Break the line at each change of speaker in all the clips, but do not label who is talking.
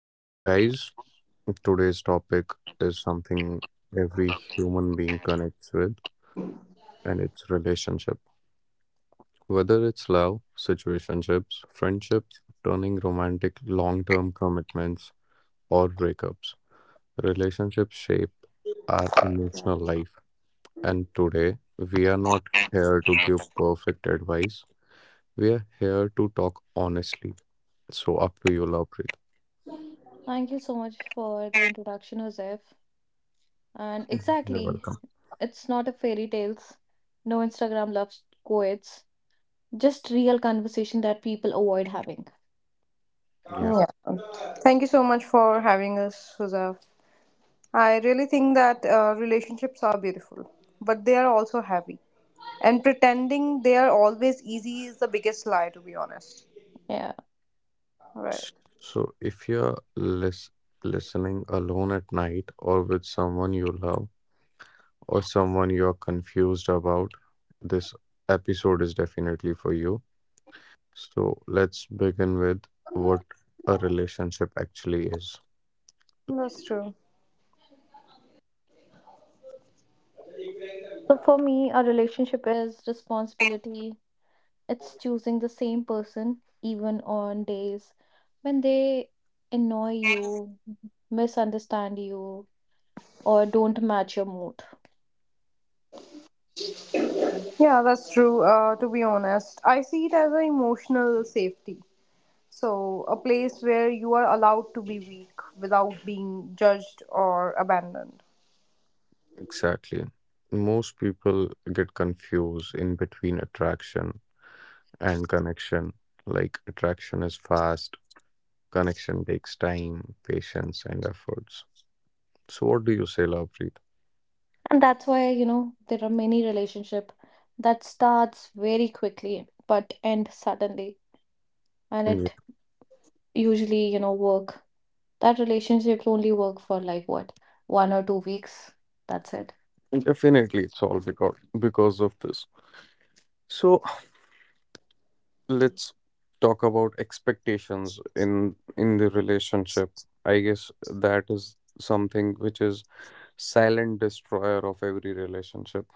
Welcome, guys. Today's topic is something every human being connects with, and it's relationship. Whether it's love, situationships, friendships, turning romantic long term commitments, or breakups, relationships shape our emotional life. And today, we are not here to give perfect advice, we are here to talk honestly. So, up to you, Lovepreet.
Thank you so much for the introduction, Joseph. And
Mhm. You're
exactly,
welcome.
it's not a fairy tales. No Instagram love quotes. Just real conversation that people avoid having.
Yeah.
Yeah. Thank you so much for having us, Huzav. I really think that relationships are beautiful, but they are also heavy. And pretending they are always easy is the biggest lie, to be honest.
Yeah.
Right.
So if you're listening alone at night or with someone you love or someone you're confused about, this episode is definitely for you. So let's begin with what a relationship actually is.
That's true.
So for me, a relationship is responsibility. It's choosing the same person even on days when they annoy you, misunderstand you, or don't match your mood.
Yeah, that's true. To be honest, I see it as an emotional safety. So, a place where you are allowed to be weak without being judged or abandoned.
Exactly. Most people get confused in between attraction and connection. Like attraction is fast, connection takes time, patience, and efforts. So what do you say, Lovepreet?
And that's why, you know, there are many relationship that starts very quickly but end suddenly. And
Yeah.
it usually, you know, work. That relationships only work for like what? 1 or 2 weeks. That's it.
Mm, definitely, it's all because of this. So let's talk about expectations in the relationship. I guess that is something which is silent destroyer of every relationship.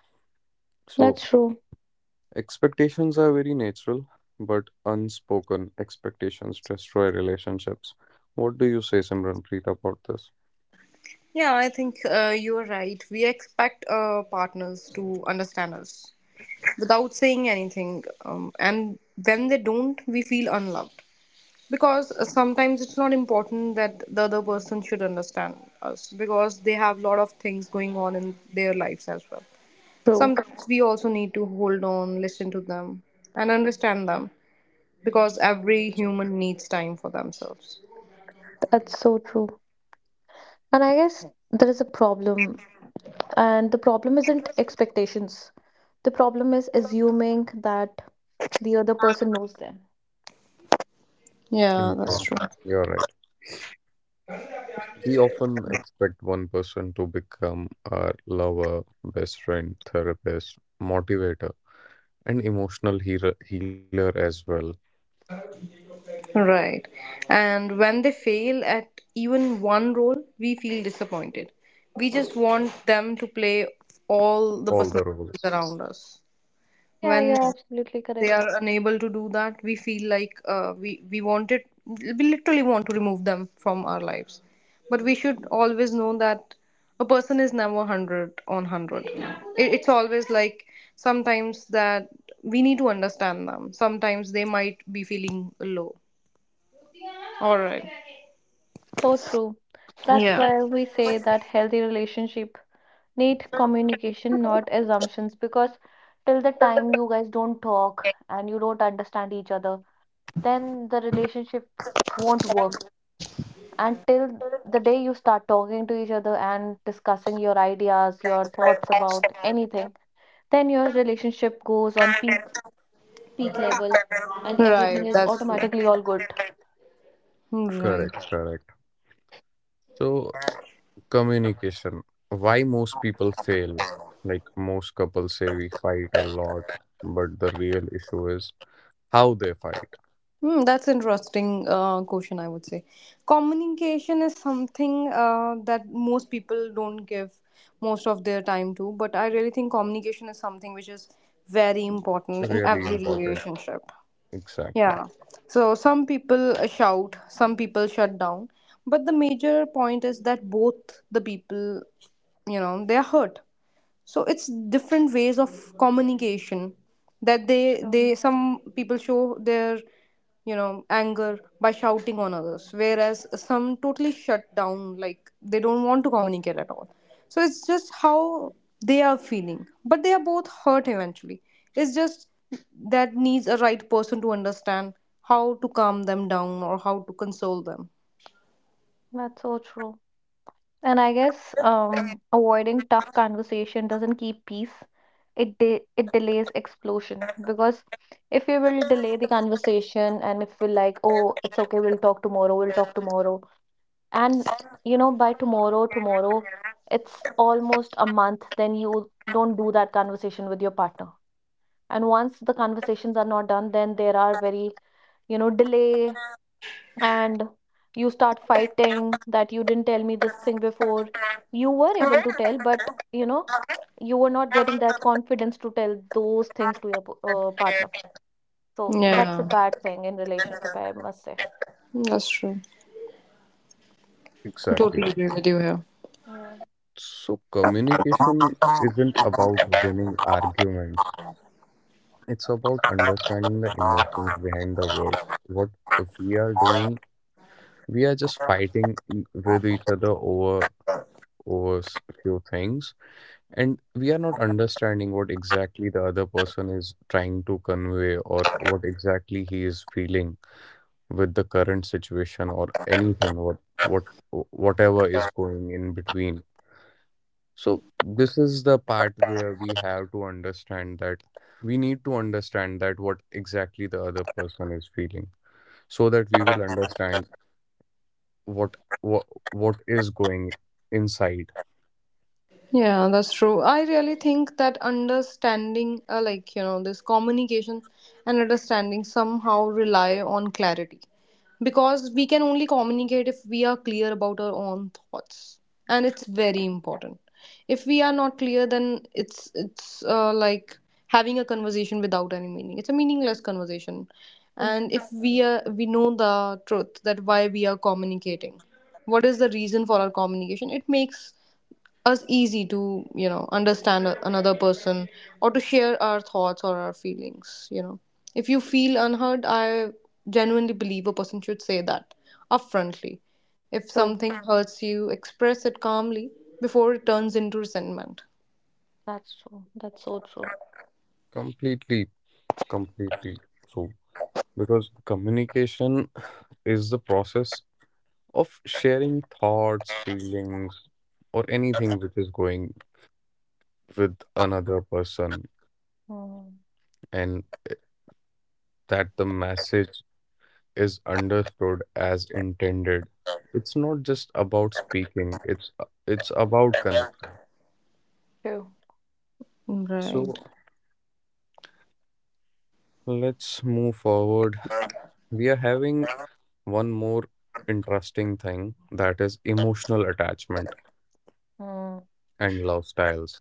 So
That's true.
expectations are very natural, but unspoken expectations destroy relationships. What do you say, Simranpreet, about this?
Yeah, I think you're right. We expect partners to understand us without saying anything. And when they don't, we feel unloved. Because sometimes it's not important that the other person should understand us because they have a lot of things going on in their lives as well.
True.
Sometimes we also need to hold on, listen to them, and understand them because every human needs time for themselves.
That's so true. And I guess there is a problem. And the problem isn't expectations. The problem is assuming that the other person knows them.
Yeah, that's
Yeah,
true.
you're right. We often expect one person to become our lover, best friend, therapist, motivator, and emotional healer, as well.
Right. And when they fail at even one role, we feel disappointed. We just want them to play all the
All the
personalities
roles.
around us.
Yeah,
When
you're absolutely
they
correct.
are unable to do that, we feel like we want it. We literally want to remove them from our lives. But we should always know that a person is never 100 on 100. It's always like sometimes that we need to understand them. Sometimes they might be feeling low. All right.
So true. That's
Yeah.
why we say that healthy relationship need communication, not assumptions, because till the time you guys don't talk and you don't understand each other, then the relationship won't work. And till the day you start talking to each other and discussing your ideas, your thoughts about anything, then your relationship goes on peak level, and everything
Right,
is
that's true.
automatically all good.
Right.
Correct, correct. So, communication. Why most people fail? Like most couples say we fight a lot, but the real issue is how they fight.
Hmm, that's interesting question, I would say. Communication is something that most people don't give most of their time to, but I really think communication is something which is very important in
Really
every
important.
relationship.
Exactly,
Yeah. So some people shout, some people shut down. But the major point is that both the people, you know, they are hurt, so it's different ways of communication that they
True.
they some people show their, you know, anger by shouting on others, whereas some totally shut down, like they don't want to communicate at all. So it's just how they are feeling, but they are both hurt eventually. It's just that needs a right person to understand how to calm them down or how to console them.
That's so true. And I guess avoiding tough conversation doesn't keep peace. It delays explosion, because if we will delay the conversation and if we're like, oh, it's okay, we'll talk tomorrow, and by tomorrow, tomorrow, it's almost a month. Then you don't do that conversation with your partner, and once the conversations are not done, then there are very delay, and you start fighting that you didn't tell me this thing before. You were able to tell, but you know you were not getting that confidence to tell those things to your partner, so
Yeah,
that's a
yeah,
bad thing in relationship, I must say.
that's true.
exactly.
Totally agree with you here.
Yeah,
So, communication isn't about winning arguments. It's about understanding the emotions behind the words. What we are doing, we are just fighting with each other over few things, and we are not understanding what exactly the other person is trying to convey or what exactly he is feeling with the current situation or anything, what whatever is going in between. So this is the part where we have to understand that we need to understand that what exactly the other person is feeling so that we will understand what what, what is going inside.
Yeah, that's true. I really think that understanding, like, you know, this communication and understanding somehow rely on clarity. Because we can only communicate if we are clear about our own thoughts. And it's very important. If we are not clear, then it's like having a conversation without any meaning. It's a meaningless conversation.
true,
And if we are, we know the truth that why we are communicating, what is the reason for our communication, it makes us easy to, you know, understand another person or to share our thoughts or our feelings. You know, if you feel unheard, I genuinely believe a person should say that upfrontly. If
true.
something hurts, you express it calmly before it turns into resentment.
That's true. That's so true.
completely Completely. So because communication is the process of sharing thoughts, feelings, or anything which is going with another person,
Mm,
and that the message is understood as intended. It's not just about speaking, it's about connection.
true.
So let's move forward. We are having one more interesting thing, that is emotional attachment
Mm.
and love styles.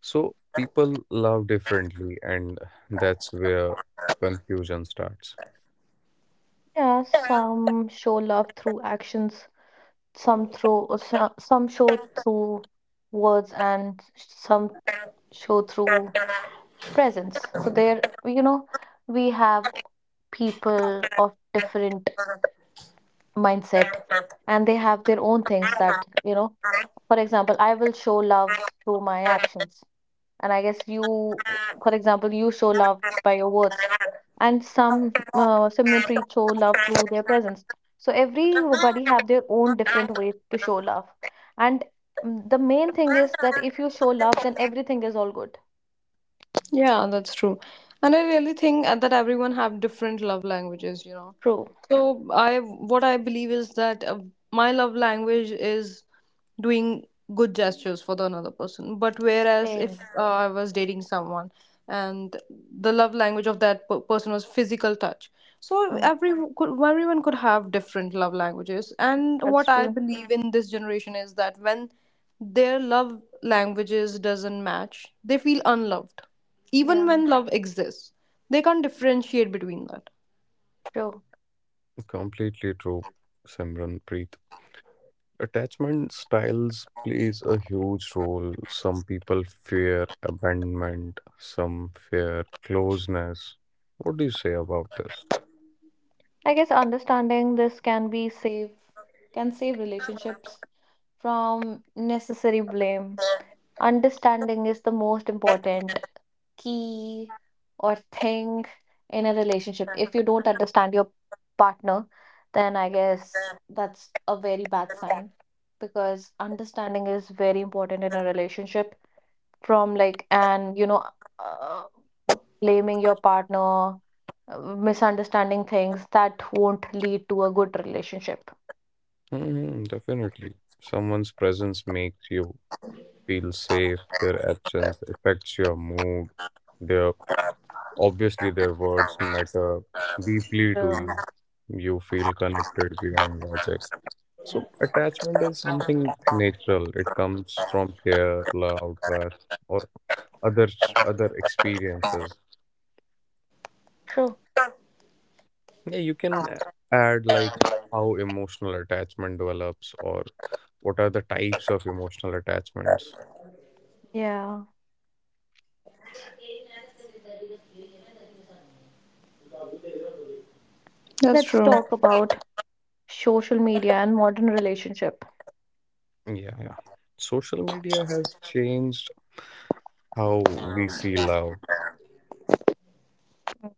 So people love differently, and that's where confusion starts
Yeah, some show love through actions, some through some show through words, and some show through presence. So there, we have people of different mindset,
Right.
and they have their own things that, you know, for example, I will show love through my actions. And I guess you, for example, you show love by your words. And some similar priests show love through their presence. So everybody have their own different way to show love. And the main thing is that if you show love, then everything is all good.
Yeah, that's true. And I really think that everyone have different love languages, you know.
True.
So I what I believe is that my love language is doing good gestures for the another person. But whereas if
Same.
I was dating someone and the love language of person was physical touch, so
Mm,
everyone could have different love languages. And
that's
what I
true.
believe in this generation is that when their love languages doesn't match, they feel unloved, even
Yeah,
when love exists. They can't differentiate between that.
true.
completely true, simran preet Attachment styles plays a huge role. Some people fear abandonment, some fear closeness. What do you say about this?
I guess understanding this can save relationships from necessary blame. Understanding is the most important key or thing in a relationship. If you don't understand your partner, then I guess that's a very bad sign, because understanding is very important in a relationship. From like, and uh, blaming your partner, uh, misunderstanding things, that won't lead to a good relationship.
Hmm, definitely. Someone's presence makes you feel safe, their absence affects your mood, their— Obviously, their words matter deeply to you.
True.
You feel connected beyond logic. So, attachment is something natural. It comes from care, love, trust, or other other experiences.
True.
Yeah, you can add like how emotional attachment develops, or what are the types of emotional attachments.
Yeah,
That's
let's
true.
talk about social media and modern relationship.
Yeah, yeah. Social media has changed how we see love.
Mm.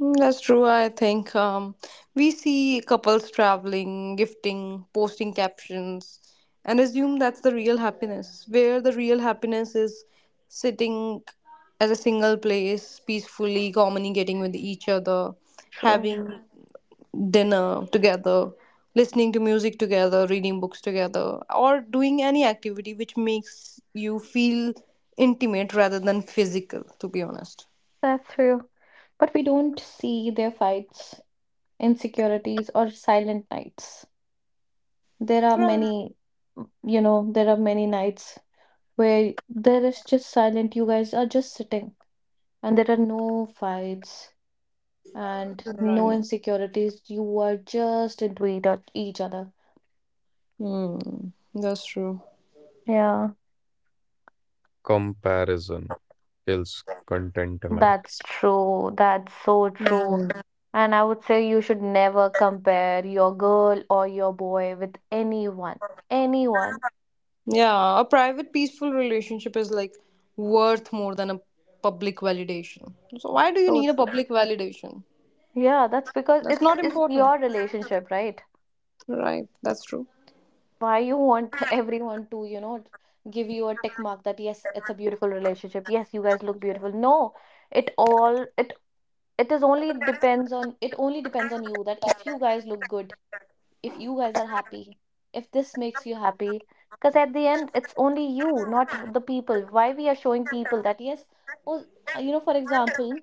Mm, that's true. I think we see couples traveling, gifting, posting captions, and assume that's the real happiness. Where the real happiness is sitting at a single place, peacefully communicating with each other,
True.
having dinner together, listening to music together, reading books together, or doing any activity which makes you feel intimate rather than physical, to be honest.
That's true. But we don't see their fights, insecurities, or silent nights. There are many, mm, you know, there are many nights where there is just silent. You guys are just sitting, and there are no fights and no
Right.
insecurities. You are just into each other.
Hmm. That's true.
Yeah,
Comparison kills contentment.
that's true. That's so true. And I would say you should never compare your girl or your boy with anyone. Anyone.
Yeah, a private peaceful relationship is like worth more than a public validation. So why do you
So
need a
true.
public validation?
Yeah, that's because
That's
it's
not
it's
important.
your relationship, right?
Right. That's true.
Why you want everyone to, give you a tick mark that yes, it's a beautiful relationship. Yes, you guys look beautiful. No, it all it it only depends on you that if you guys look good, if you guys are happy, if this makes you happy. Because at the end, it's only you, not the people. Why we are showing people that, yes, oh, for example.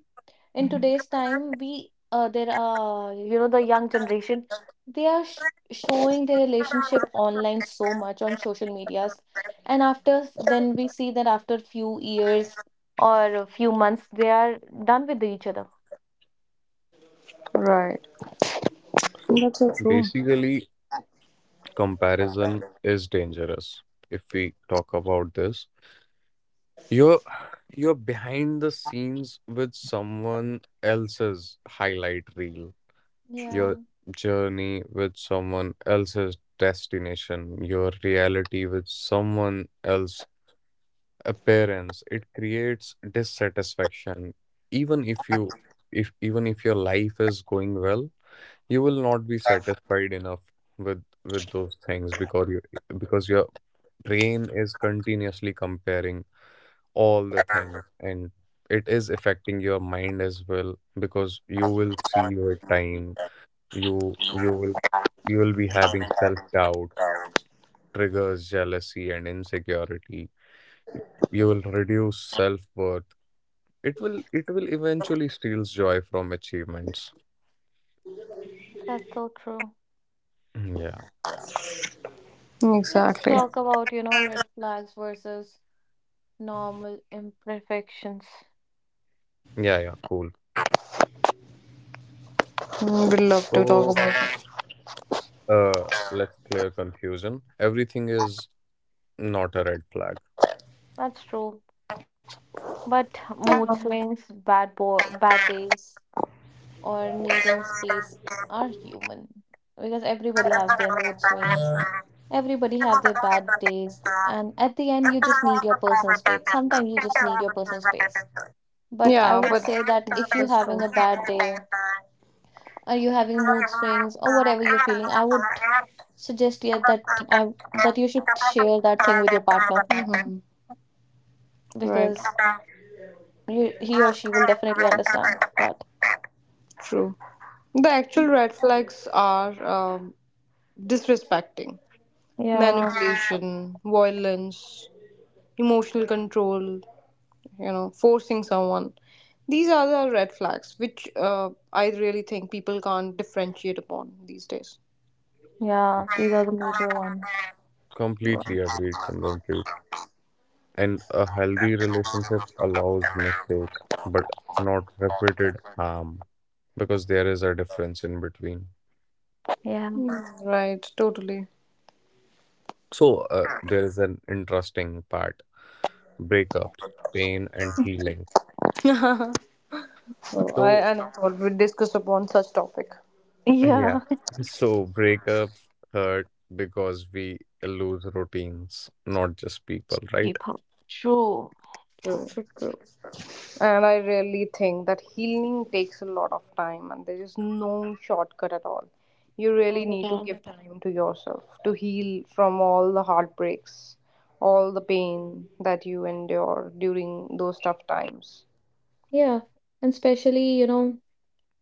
In today's time, we there are the young generation. They are showing their relationship online so much on social medias, and then we see that after few years or a few months they are done with each other.
Right.
So
That's so true.
basically, comparison is dangerous. If we talk about this, you're you're behind the scenes with someone else's highlight reel,
Yeah,
your journey with someone else's destination, your reality with someone else's appearance. It creates dissatisfaction, even if you if even if your life is going well, you will not be satisfied enough with those things because your brain is continuously comparing all the things, and it is affecting your mind as well. Because you will see your time you you will you will be having self doubts, triggers jealousy and insecurity, you will reduce self worth. It will eventually steals joy from achievements.
that's so true.
Mm, yeah.
Let's
Exactly.
talk about, red flags versus normal imperfections.
Yeah, yeah, cool.
Mm, we'd love to talk
So
about.
uh, let's clear confusion. Everything is not a red flag.
That's true. But mood swings, bad bad days, or needing space are human, because everybody has their mood swings, everybody have their bad days, and at the end you just need your personal space. Sometimes you just need your personal space. But I
Yeah,
would
but
say that if you're
that's true.
having a bad day, or you're having mood swings, or whatever you're feeling, I would suggest here that I that you should share that thing with your partner,
Hmm. Right.
because you, he or she will definitely understand that.
True. The actual red flags are disrespecting,
Yeah.
manipulation, violence, emotional control, you know, forcing someone. These are the red flags which I really think people can't differentiate upon these days.
Yeah, these are the major one.
Completely agreed, Simranpreet. And a healthy relationship allows mistake, but not repeated harm, because there is a difference in between.
Yeah.
Mm, right, totally.
So there is an interesting part: breakups, pain, and healing.
So I,
So
I never thought we'd discuss upon such topic.
Yeah.
yeah, so breakups hurt because we lose routines, not just people, right?
Keep. True.
Hmm.
True, true.
And I really think that healing takes a lot of time and there is no shortcut at all. You really
All the
need to
time.
give time to yourself to heal from all the heartbreaks, all the pain that you endure during those tough times.
Yeah, and especially,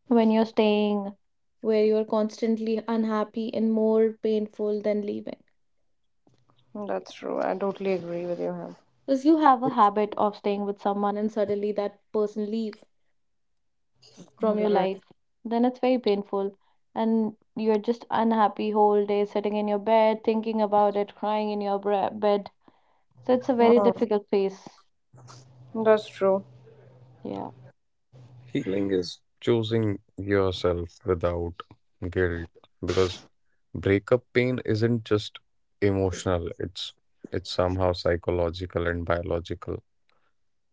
when you're staying where you're constantly unhappy, and more painful than leaving.
That's true. I totally agree with you. Him.
Because you have a habit of staying with someone, and suddenly that person leave from your
Right.
life, then it's very painful. And you're just unhappy whole day, sitting in your bed, thinking about it, crying in your bed. So it's a very
Mm,
difficult phase.
that's true.
Yeah.
Healing is choosing yourself without guilt, because breakup pain isn't just emotional, it's somehow psychological and biological.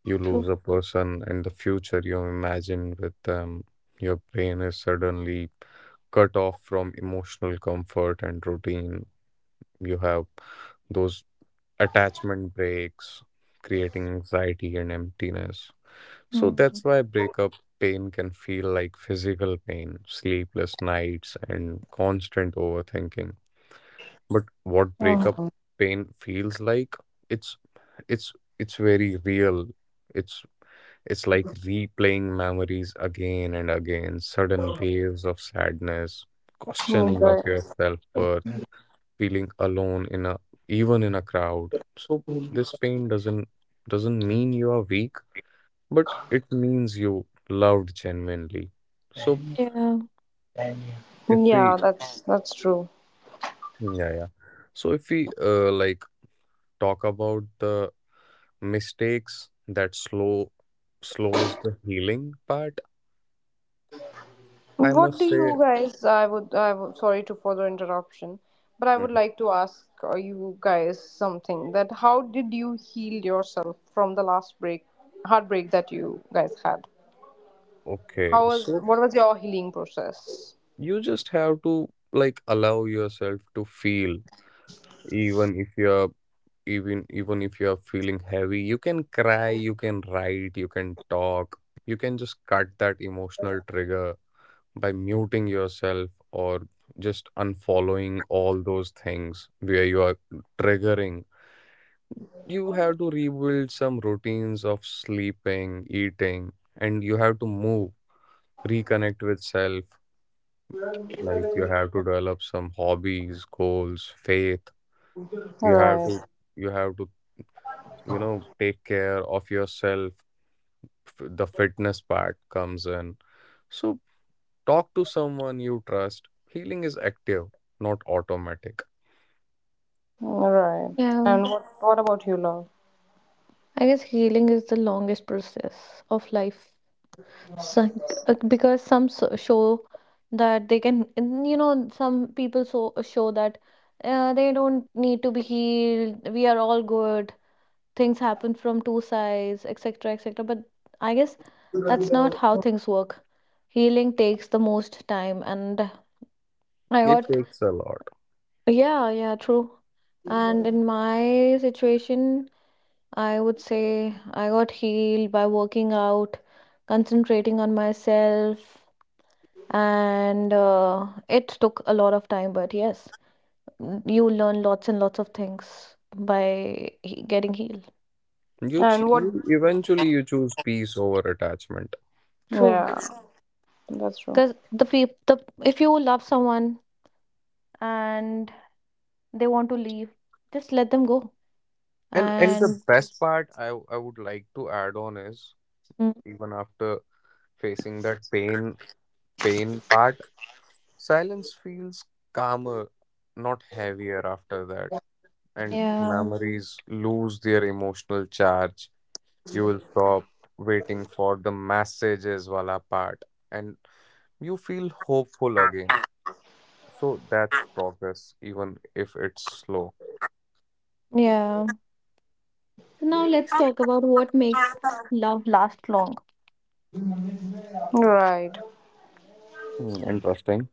You
True.
lose a person and the future you imagine with them. Your brain is suddenly cut off from emotional comfort and routine. You have those attachment breaks, creating anxiety and emptiness. So
Hmm.
that's why breakup pain can feel like physical pain, sleepless nights, and constant overthinking. But what breakup
Mhm.
pain feels like, it's it's it's very real. It's it's like replaying memories again and again, sudden waves of sadness,
Mm,
questioning
right.
of your self-worth, feeling alone in a even in a crowd. So this pain doesn't mean you are weak, but it means you loved genuinely. So
Yeah.
if
Yeah,
we,
that's true.
yeah, yeah. So if we like talk about the mistakes that slows the healing part— I
What
must
do
say,
you guys? I would, sorry to further interruption, but I would
mhm—
like to ask you guys something. That how did you heal yourself from heartbreak that you guys had?
okay,
How was?
so
What was your healing process?
you just have to like allow yourself to feel, even if you're even even if you're feeling heavy. You can cry, you can write, you can talk, you can just cut that emotional trigger by muting yourself or just unfollowing all those things where you are triggering. You have to rebuild some routines of sleeping, eating, and you have to move reconnect with self. Like you have to develop some hobbies, goals, faith. You have to
Right.
you have to You know, take care of yourself. F- the fitness part comes in. So talk to someone you trust. Healing is active, not automatic.
Right.
Yeah.
And what? What about you, love?
I guess healing is the longest process of life. So, because some show that they can, and, some people show that they don't need to be healed. We are all good. Things happen from two sides, etc., etc. But I guess that's not how things work. Healing takes the most time, and I
It
got.
takes a lot.
Yeah, yeah, true. And in my situation, I would say I got healed by working out, concentrating on myself, and it took a lot of time, but yes, you learn lots and lots of things by getting healed.
And what?
You eventually you choose peace over attachment.
True,
Yeah, that's true.
because the people, the if you love someone and they want to leave, just let them go.
And the
And
best part I would like to add on is
mm,
even after facing that pain part, silence feels calmer, not heavier after that. And
yeah,
memories lose their emotional charge. You will stop waiting for the messages wala part, and you feel hopeful again. So that's progress, even if it's slow.
yeah. So now let's talk about what makes love last long.
Right.
Hmm, interesting.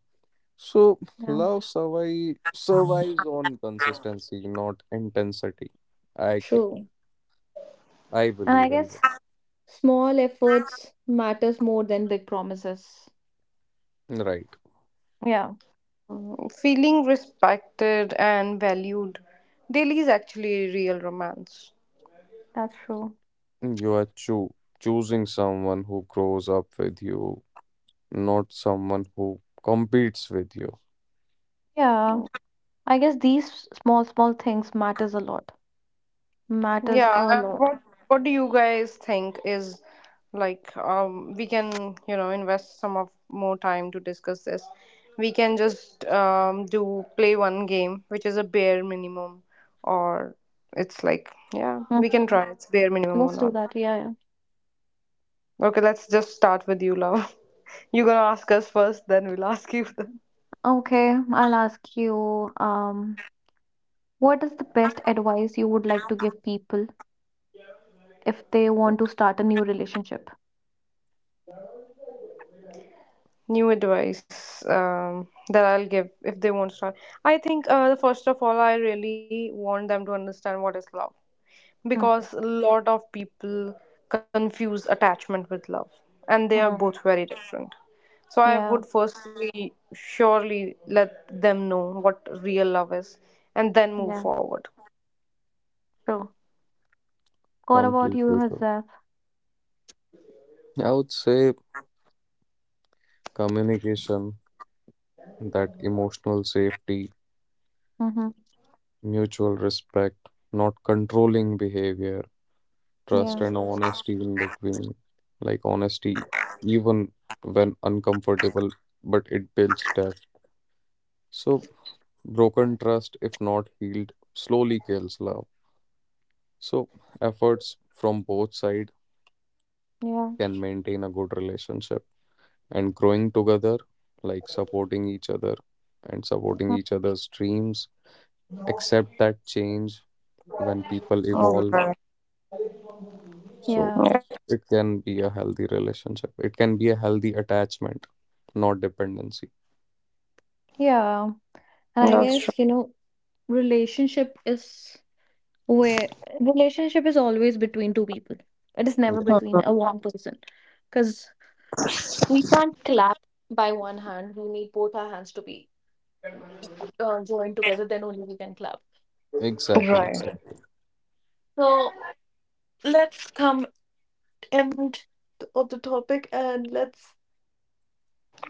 So
Yeah.
love survives on consistency, not intensity. I ca-
True.
I
And I
believe in it.
guess small efforts matters more than big promises.
Right.
Yeah,
Mm, feeling respected and valued daily is actually real romance.
that's true.
You are choo choosing someone who grows up with you, not someone who competes with you.
Yeah, I guess these small, small things matters a lot. Matters
Yeah,
a
and
lot.
what do you guys think is like, we can, you know, invest some of more time to discuss this. We can just do play one game, which is a bare minimum, or it's like yeah, we can
Mhm.
try it's bare minimum or
Let's do
not.
that. Yeah, yeah.
Okay, let's just start with you, love. You're gonna ask us first, then we'll ask you then.
Okay, I'll ask you, what is the best advice you would like to give people if they want to start a new relationship?
New advice that I'll give if they won't start. I think first of all, I really want them to understand what is love because a lot of people confuse attachment with love and they are
Mm-hmm.
both very different, so I
Yeah,
would firstly surely let them know what real love is and then move
yeah,
forward.
true. What about
Compete
you,
with you.
Hazaf?
I would say communication, that emotional safety,
Mm-hmm.
mutual respect, not controlling behavior, trust
Yeah,
and honesty in between. Like honesty, even when uncomfortable, but it builds depth. So broken trust, if not healed, slowly kills love. So efforts from both sides
yeah,
can maintain a good relationship and growing together, like supporting each other and supporting
mm,
each other's dreams. Accept that change when people evolve.
Alright,
So
yeah,
yeah,
it can be a healthy relationship. It can be a healthy attachment, not dependency.
yeah. And I
that's true.
guess, relationship is where relationship is always between two people. It is never
Yeah,
Mhm.
between a one person, because we can't clap by one hand. We need both our hands to be joined together, then only we can clap.
exactly,
Right.
exactly.
So let's come end of the topic, and let's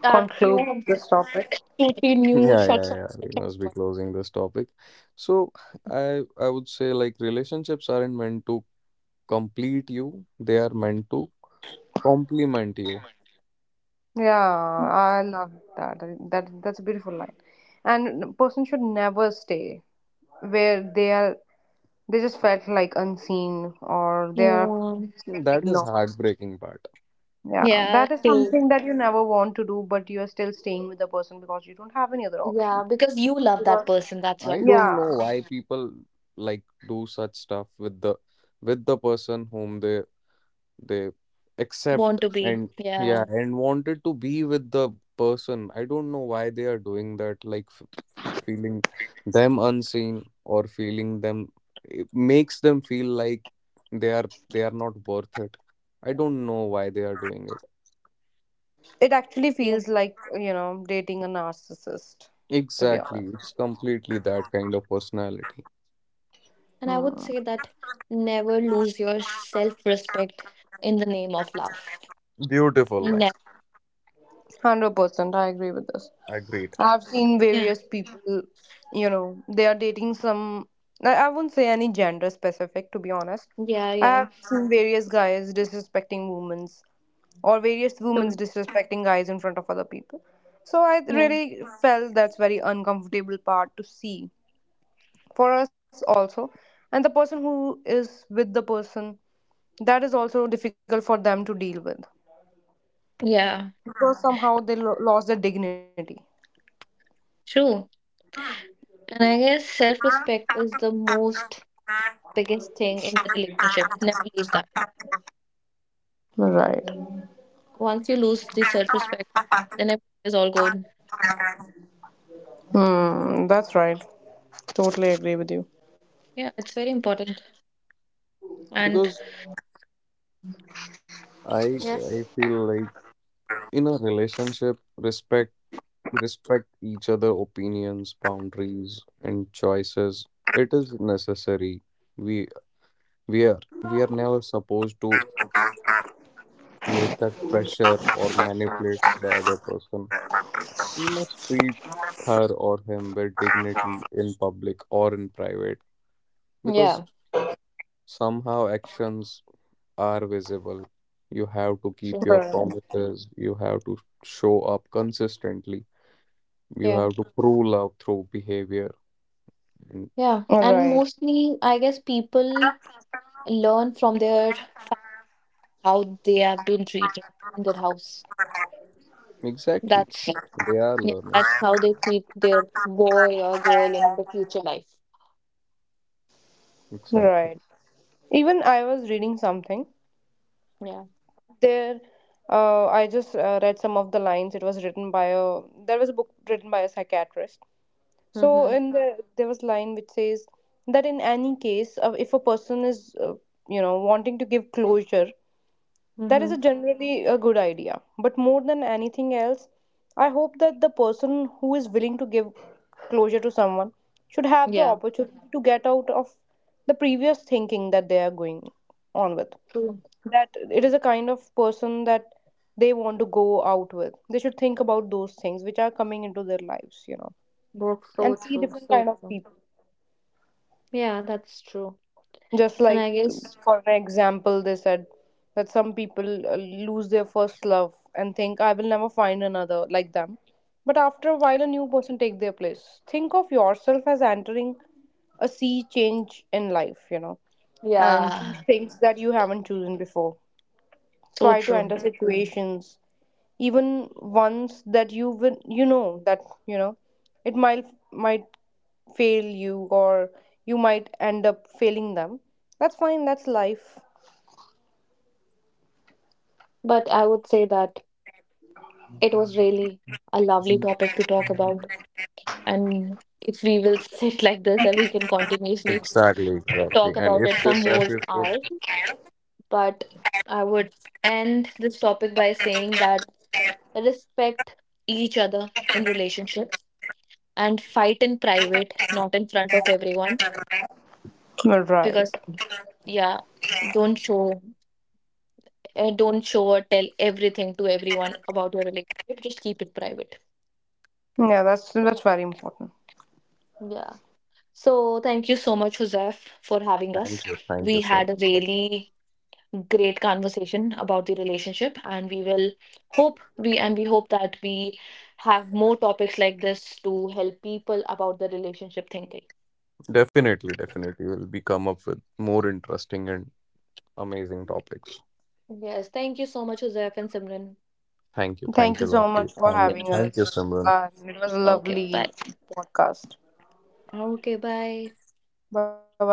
add
Conclude
few
this topic.
two, three new
Yeah, yeah,
shots on
yeah.
the
We
top
must be
one.
closing this topic. So I would say like relationships aren't meant to complete you, they are meant to compliment you.
Yeah, I love that. That that's a beautiful line. And a person should never stay where they are, they just felt like unseen, or they are,
Yeah.
they just felt
That is
ignored.
heartbreaking part.
Yeah,
Yeah,
that is
true.
something that you never want to do, but you're still staying with the person because you don't have any other option.
Yeah, because you love that person, that's why.
I don't know
Yeah,
why people like do such stuff with the person whom they
Want
accept
to be.
and yeah
Yeah.
and wanted to be with the person. I don't know why they are doing that. Like feeling them unseen or feeling them, it makes them feel like they are they are not worth it. I don't know why they are doing it.
it actually
Yeah.
feels like, you know, dating a narcissist, to be
Exactly,
honest.
it's completely that kind of personality.
And I would
Hmm.
say that never lose your self-respect in the name of love.
Beautiful line.
Never.
100%, I agree with this.
Agreed.
I've seen
Yeah.
various people, you know, they are dating some, I won't say any gender specific, to be honest.
Yeah,
I
yeah.
have seen various guys disrespecting women or various women
True.
disrespecting guys in front of other people. So I
Yeah.
really felt that's very uncomfortable part to see for us also, and the person who is with the person, that is also difficult for them to deal with
Yeah.
because somehow lost their dignity.
True. And I guess self-respect is the most biggest thing in the relationship. Never lose that.
Right.
Once you lose the self respect, then everything is all good.
Hmm. That's right. Totally agree with you.
Yeah, it's very important. And
Because i I
yes,
feel like in a relationship, respect respect each other opinions, boundaries and choices, it is necessary. we we are we are never supposed to make that pressure or manipulates the other person. We must treat her or him with dignity in public or in private, because
yeah,
somehow actions are visible. You have to keep
true.
your
Right.
promises, you have to show up consistently, you
Yeah,
have to prove love through behavior. And
yeah. And
Right.
mostly, I guess people learn from their how they have been treated in their house.
exactly,
That's
they are
yeah,
learning.
that's how they treat their boy or girl in the future life.
Exactly.
Right. Even I was reading something
Yeah.
there. I just read some of the lines. It was written by a there was a book written by a psychiatrist. So
Mm-hmm.
in the there was line which says that in any case, if a person is you know wanting to give closure. That is
Mm-hmm.
a generally a good idea. But more than anything else, I hope that the person who is willing to give closure to someone should have the
Yeah.
opportunity to get out of the previous thinking that they are going on with.
True.
That it is a kind of person that they want to go out with. They should think about those things which are coming into their lives, you know,
Both
and
so
see
true.
different
So
kind of
true.
people.
Yeah, that's true.
Just
And
like,
I guess.
for an example, they said that some people lose their first love and think, I will never find another like them. But after a while, a new person take their place. Think of yourself as entering a sea change in life, you know, and choose
Yeah,
things that you haven't chosen before.
so
Try to
true.
enter situations even once that you will, you know that, you know, it might fail you or you might end up failing them. That's fine, that's life.
But I would say that it was really a lovely topic to talk about. And if we will sit like this, and we can continuously
Exactly, exactly.
talk
And
about
if
it for
this
more
episode—
hours. But I would end this topic by saying that respect each other in relationships, and fight in private, not in front of everyone.
All
Because,
right
yeah, don't show don't show or tell everything to everyone about your relationship. Just keep it private.
yeah, that's very important.
Yeah. So thank you so much, Joseph, for having us. We had a
thank you so
really
much.
great conversation about the relationship, and we hope that we have more topics like this to help people about the relationship thinking.
Definitely, definitely. We'll be come up with more interesting and amazing topics.
Yes, thank you so much, Joseph and Simran.
Thank you
Thank you.
so
Thank
much
you,
for
Lotte.
Okay.
having
And
us
thank you,
and it
Simran.
was a
Okay.
lovely
Bye.
podcast.
Okay. Bye.
Bye bye.